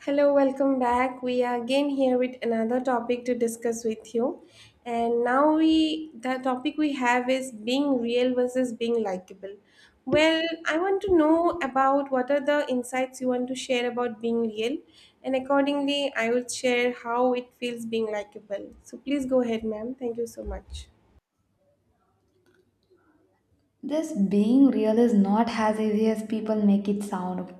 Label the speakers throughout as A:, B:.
A: Hello, welcome back. We are again here with another topic to discuss with you. And now we the topic we have is being real versus being likable. Well, I want to know about what are the insights you want to share about being real, and accordingly, I will share how it feels being likable. So please go ahead, ma'am. Thank you so much.
B: This being real is not as easy as people make it sound.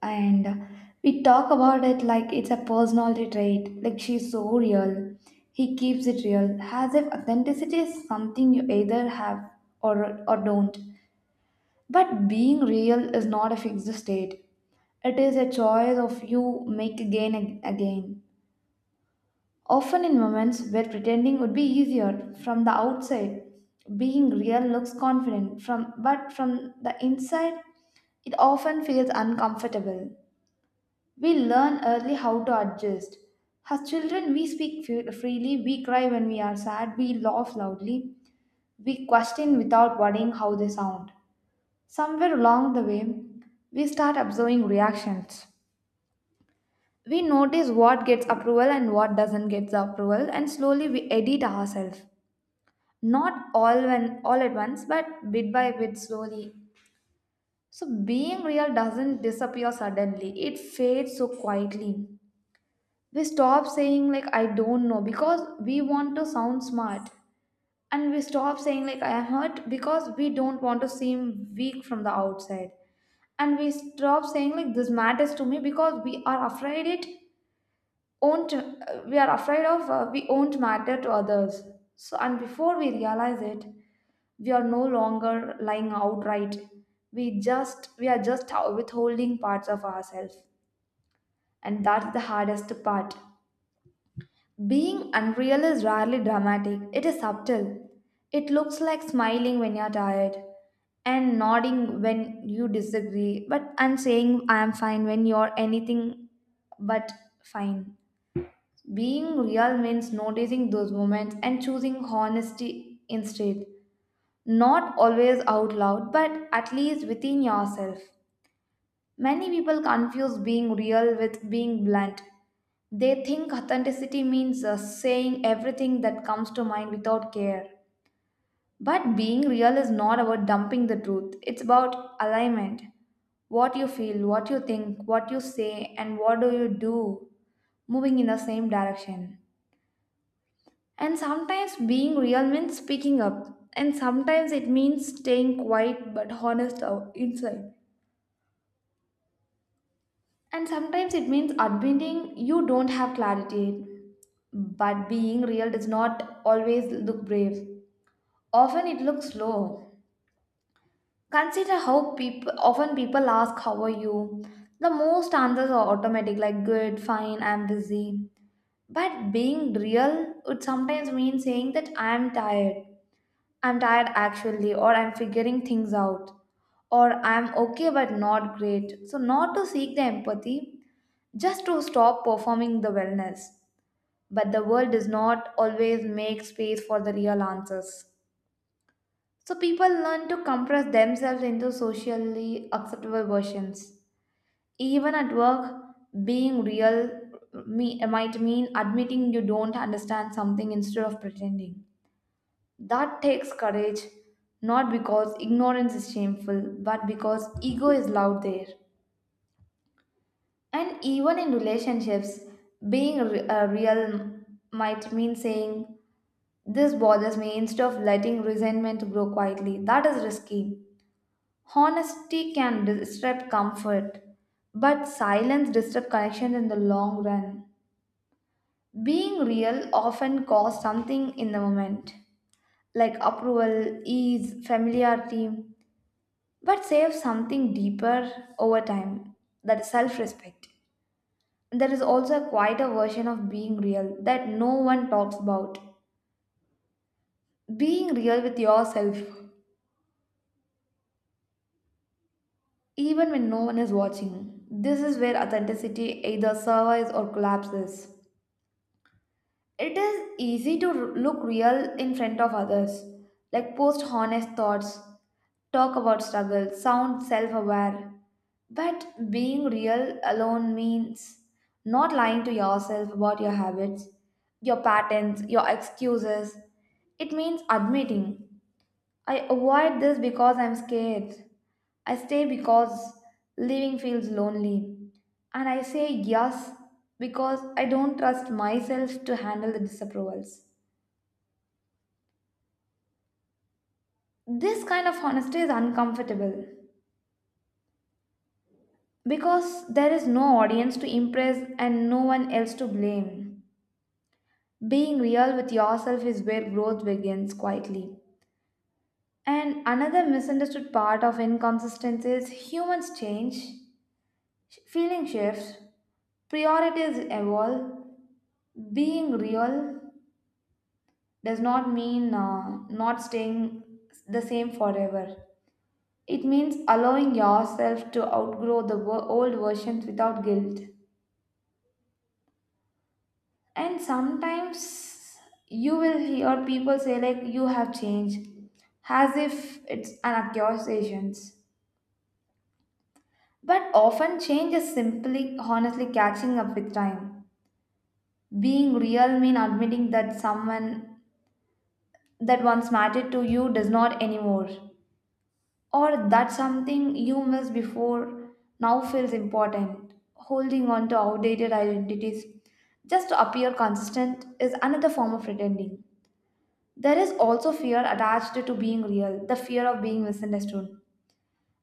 B: And we talk about it like it's a personality trait, like she's so real. He keeps it real, as if authenticity is something you either have or don't. But being real is not a fixed state, it is a choice of you make again and again. Often in moments where pretending would be easier from the outside, being real looks confident from but from the inside it often feels uncomfortable. We learn early how to adjust. As children, we speak freely, we cry when we are sad, we laugh loudly, we question without worrying how they sound. Somewhere along the way, we start observing reactions. We notice what gets approval and what doesn't get the approval, and slowly we edit ourselves. Not all when All at once, but bit by bit slowly. So being real doesn't disappear suddenly. It fades so quietly. We stop saying like I don't know because we want to sound smart. And we stop saying like I am hurt because we don't want to seem weak from the outside, and we stop saying like this matters to me because we are afraid it won't we are afraid of we won't matter to others. So, and before we realize it, we are no longer lying outright, we are just withholding parts of ourselves, and that's the hardest part. Being unreal is rarely dramatic, it is subtle. It looks like smiling when you're tired, and nodding when you disagree, but and saying I am fine when you're anything but fine. Being real means noticing those moments and choosing honesty instead. Not always out loud, but at least within yourself. Many people confuse being real with being blunt. They think authenticity means saying everything that comes to mind without care. But being real is not about dumping the truth, it's about alignment. What you feel, what you think, what you say, and what do you do moving in the same direction. And sometimes being real means speaking up. And sometimes it means staying quiet but honest inside. And sometimes it means admitting you don't have clarity. But being real does not always look brave. Often it looks slow. Consider how people often people ask how are you? The most answers are automatic like good, fine, I'm busy. But being real would sometimes mean saying that I'm tired. I'm tired actually, or I'm figuring things out, or I'm okay but not great. So, not to seek the empathy, just to stop performing the wellness. But the world does not always make space for the real answers. So, people learn to compress themselves into socially acceptable versions. Even at work, being real might mean admitting you don't understand something instead of pretending. That takes courage, not because ignorance is shameful, but because ego is loud there. And even in relationships, being real might mean saying, this bothers me, instead of letting resentment grow quietly. That is risky. Honesty can disrupt comfort, but silence disrupts connection in the long run. Being real often costs something in the moment, like approval, ease, familiarity, but save something deeper over time, that is self respect. There is also quite a version of being real that no one talks about. Being real with yourself, even when no one is watching. This is where authenticity either survives or collapses. It is easy to look real in front of others, like post honest thoughts, talk about struggle, sound self aware. But being real alone means not lying to yourself about your habits, your patterns, your excuses. It means admitting, I avoid this because I'm scared. I stay because leaving feels lonely. And I say yes because I don't trust myself to handle the disapprovals. This kind of honesty is uncomfortable because there is no audience to impress and no one else to blame. Being real with yourself is where growth begins quietly. And another misunderstood part of inconsistency is humans change, feeling shifts, priorities evolve, being real does not mean not staying the same forever. It means allowing yourself to outgrow the old versions without guilt. And sometimes you will hear people say, like, you have changed, as if it's an accusation. But often, change is simply honestly catching up with time. Being real means admitting that someone that once mattered to you does not anymore, or that something you missed before now feels important. Holding on to outdated identities just to appear consistent is another form of pretending. There is also fear attached to being real, the fear of being misunderstood.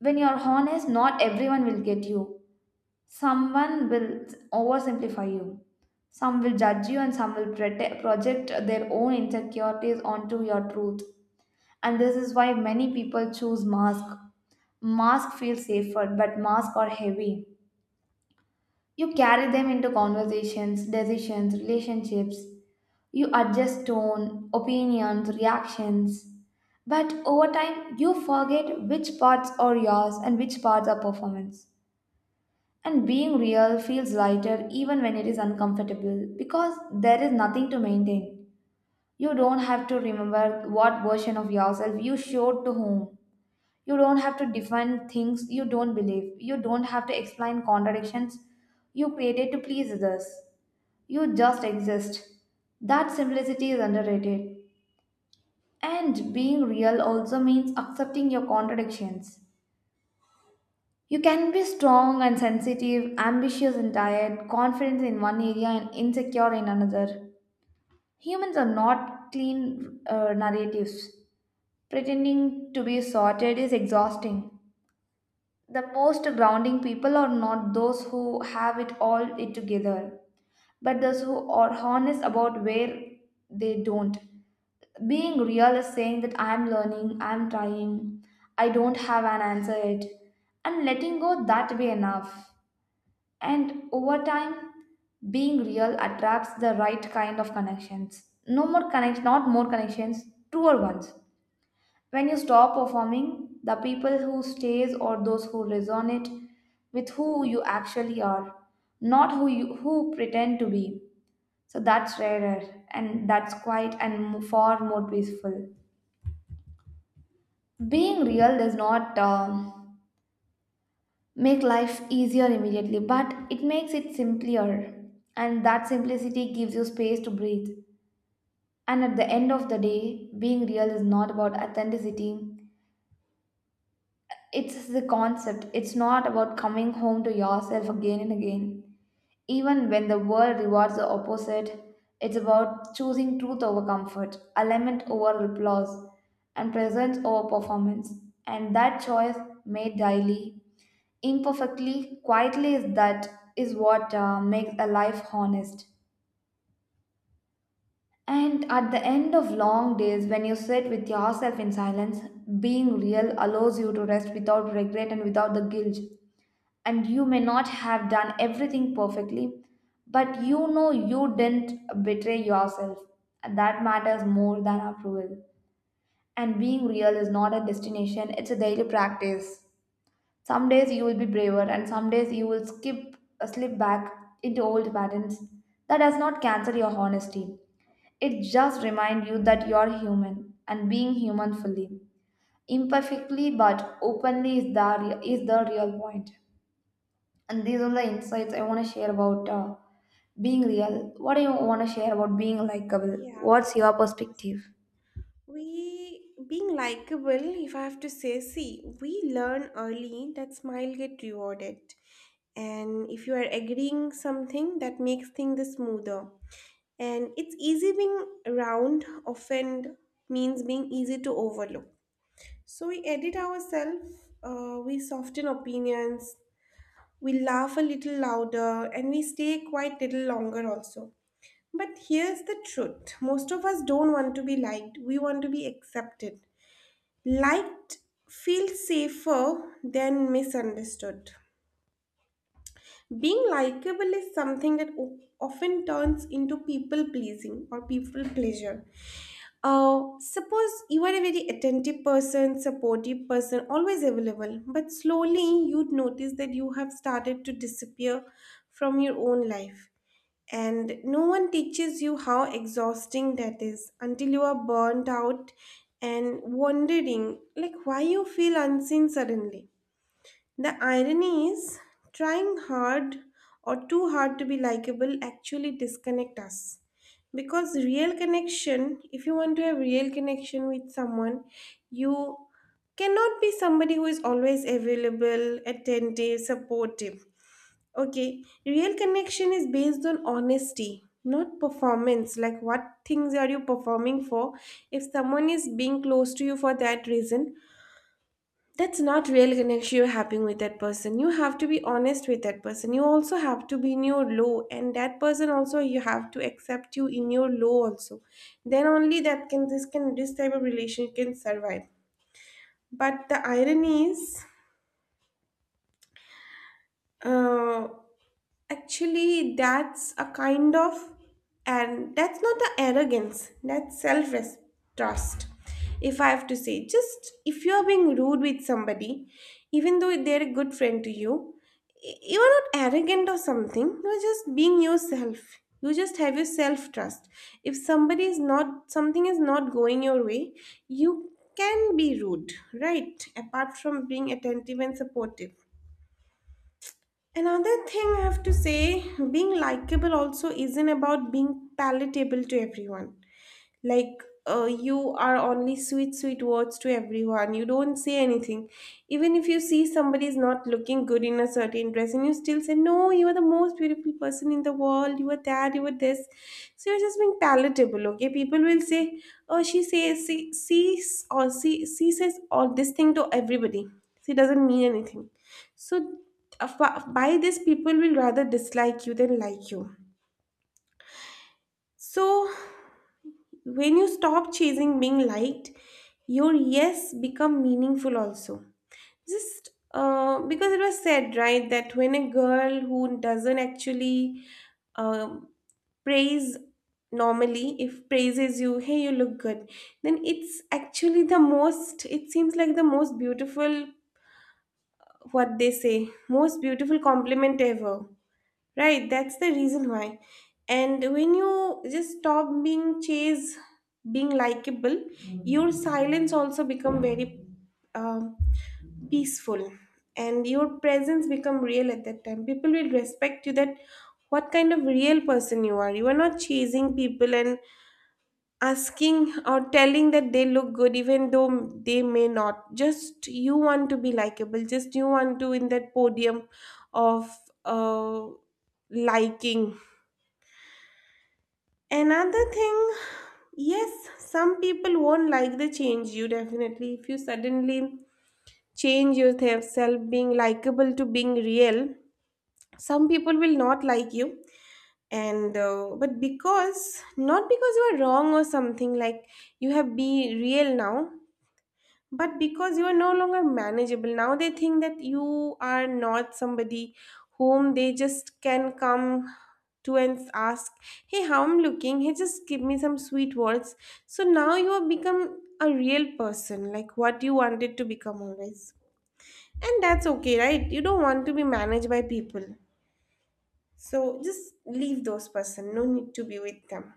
B: When you're honest, not everyone will get you. Someone will oversimplify you. Some will judge you, and some will project their own insecurities onto your truth, and this is why many people choose mask. Mask feel safer, but masks are heavy. You carry them into conversations, decisions, relationships. You adjust tone, opinions, reactions, but over time you forget which parts are yours and which parts are performance. And being real feels lighter even when it is uncomfortable, because there is nothing to maintain. You don't have to remember what version of yourself you showed to whom. You don't have to defend things you don't believe. You don't have to explain contradictions you created to please others. You just exist. That simplicity is underrated. And being real also means accepting your contradictions. You can be strong and sensitive, ambitious and tired, confident in one area and insecure in another. Humans are not clean narratives. Pretending to be sorted is exhausting. The most grounding people are not those who have it all it together, but those who are honest about where they don't. Being real is saying that I'm learning, I'm trying, I don't have an answer yet, and letting go that way enough. And over time, being real attracts the right kind of connections. Not more connections, truer ones. When you stop performing, the people who stays or those who resonate with who you actually are, not who pretend to be. So that's rarer, and that's quiet and far more peaceful. Being real does not make life easier immediately, but it makes it simpler. And that simplicity gives you space to breathe. And at the end of the day, being real is not about authenticity, it's the concept. It's not about coming home to yourself again and again. Even when the world rewards the opposite, it's about choosing truth over comfort, alignment over applause, and presence over performance. And that choice made daily, imperfectly, quietly, is what makes a life honest. And at the end of long days, when you sit with yourself in silence, being real allows you to rest without regret and without the guilt. And you may not have done everything perfectly, but you know you didn't betray yourself. And that matters more than approval. And being real is not a destination, it's a daily practice. Some days you will be braver, and some days you will skip slip back into old patterns. That does not cancel your honesty. It just reminds you that you are human, and being human fully, imperfectly but openly is the is the real point. And these are the insights I want to share about being real. What do you want to share about being likable?
A: Yeah.
B: What's your perspective?
A: We being likable, if I have to say, see, we learn early that smile get rewarded. And if you are agreeing something, that makes things the smoother. And it's easy being round, often means being easy to overlook. So we edit ourselves, we soften opinions, we laugh a little louder, and we stay quite little longer also. But here's the truth most of us don't want to be liked, we want to be accepted. Liked feels safer than misunderstood. Being likable is something that often turns into people pleasing or people pleasure. Suppose you are a very attentive person, supportive person, always available, but slowly you'd notice that you have started to disappear from your own life. And no one teaches you how exhausting that is until you are burnt out and wondering like why you feel unseen suddenly. The irony is trying hard or too hard to be likable actually disconnect us. Because real connection, if you want to have real connection with someone, you cannot be somebody who is always available, attentive, supportive. Okay, real connection is based on honesty, not performance. Like, what things are you performing for? If someone is being close to you for that reason, that's not real connection you're having with that person. You have to be honest with that person. You also have to be in your low, and that person also you have to accept you in your low also. Then only that can this type of relation can survive. But the irony is, uh, actually, that's a kind of, and that's not the arrogance, that's self trust. If I have to say, just if you are being rude with somebody, even though they're a good friend to you, you are not arrogant or something, you're just being yourself. You just have your self trust. If somebody is not, something is not going your way, you can be rude, right? Apart from being attentive and supportive. Another thing I have to say, being likable also isn't about being palatable to everyone, like, you are only sweet sweet words to everyone, you don't say anything even if you see somebody is not looking good in a certain dress and you still say, no, you are the most beautiful person in the world, you are that, you are this. So you're just being palatable. Okay, people will say, oh, she says, she sees, or she says all this thing to everybody, she doesn't mean anything. So, uh, by this people will rather dislike you than like you. So when you stop chasing being liked, your yes become meaningful also. Just because it was said, right, that when a girl who doesn't actually um, praise normally, if praises you, hey, you look good, then it's actually the most, it seems like the most beautiful, what they say, most beautiful compliment ever. Right, that's the reason why. And when you just stop being chased, being likable, your silence also become very um, peaceful, and your presence become real at that time. People will respect you that what kind of real person you are. You are not chasing people and asking or telling that they look good even though they may not, just you want to be likable, just you want to in that podium of uh, liking. Another thing, yes, some people won't like the change. You, definitely, if you suddenly change yourself being likable to being real, some people will not like you. And but because, not because you are wrong or something, like you have be real now. But because you are no longer manageable, now they think that you are not somebody whom they just can come to and ask, hey, how I'm looking? Hey, just give me some sweet words. So now you have become a real person, like what you wanted to become always. And that's okay, right? You don't want to be managed by people. So just leave those person. No need to be with them.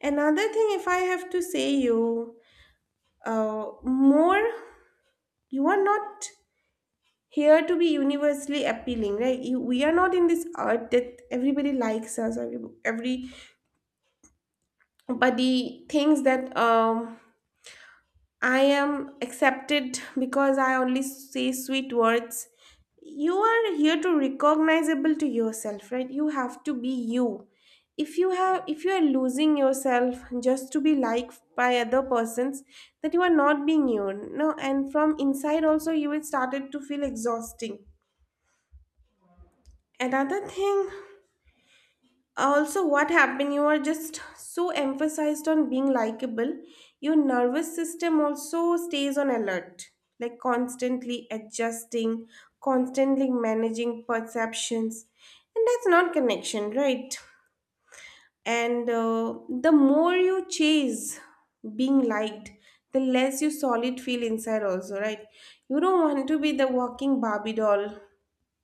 A: Another thing, if I have to say you, more, you are not here to be universally appealing, right? We are not in this art that everybody likes us or every- everybody thinks that, I am accepted because I only say sweet words. You are here to recognizable to yourself, right? You have to be you. If you have, if you are losing yourself just to be liked by other persons, that you are not being you, no, and from inside also you will started to feel exhausting. Another thing, also what happened, you are just so emphasized on being likable, your nervous system also stays on alert, like constantly adjusting, constantly managing perceptions, and that's not connection, right? And the more you chase being liked, the less you solid feel inside also, right? You don't want to be the walking barbie doll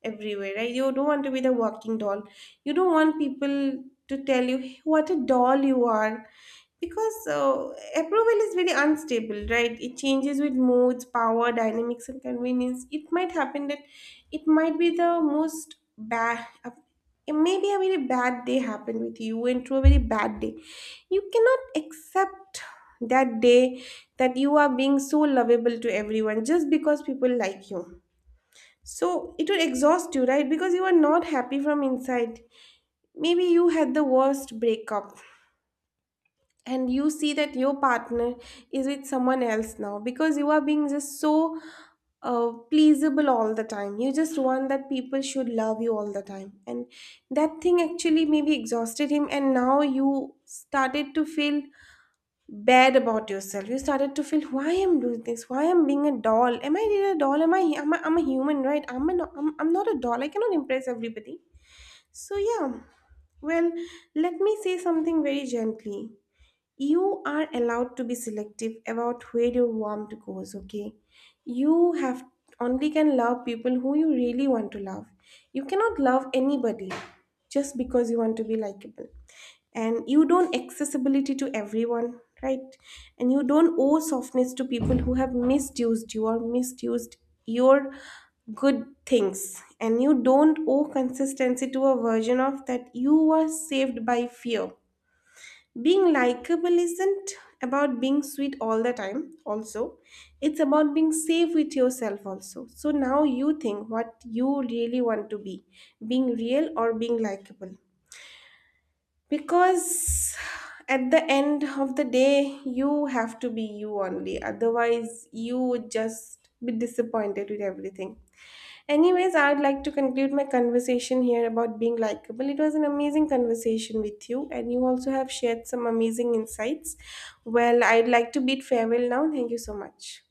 A: everywhere, right? You don't want to be the walking doll. You don't want people to tell you, "Hey, what a doll you are," because, approval is very unstable, right? It changes with moods, power, dynamics, and convenience. It might happen that it might be the most bad. Uh, maybe a very bad day happened with you, you went through a very bad day. You cannot accept that day that you are being so lovable to everyone just because people like you, so it will exhaust you, right? Because you are not happy from inside. Maybe you had the worst breakup and you see that your partner is with someone else now because you are being just so pleasable all the time. You just want that people should love you all the time. And that thing actually maybe exhausted him, and now you started to feel bad about yourself, you started to feel why I'm doing this, why I'm being a doll, am I really a doll, am I I'm a human, right? I'm not a doll, I cannot impress everybody. So yeah. Well, let me say something very gently, you are allowed to be selective about where your warmth goes. Okay, you have only can love people who you really want to love. You cannot love anybody just because you want to be likable. And you don't accessibility to everyone, right? And you don't owe softness to people who have misused you or misused your good things. And you don't owe consistency to a version of that you were saved by fear. Being likable isn't about being sweet all the time, also. It's about being safe with yourself, also. So now you think what you really want to be, being real or being likable. Because at the end of the day, you have to be you only. Otherwise, you would just be disappointed with everything. Anyways, I'd like to conclude my conversation here about being likable. It was an amazing conversation with you, and you also have shared some amazing insights. Well, I'd like to bid farewell now. Thank you so much.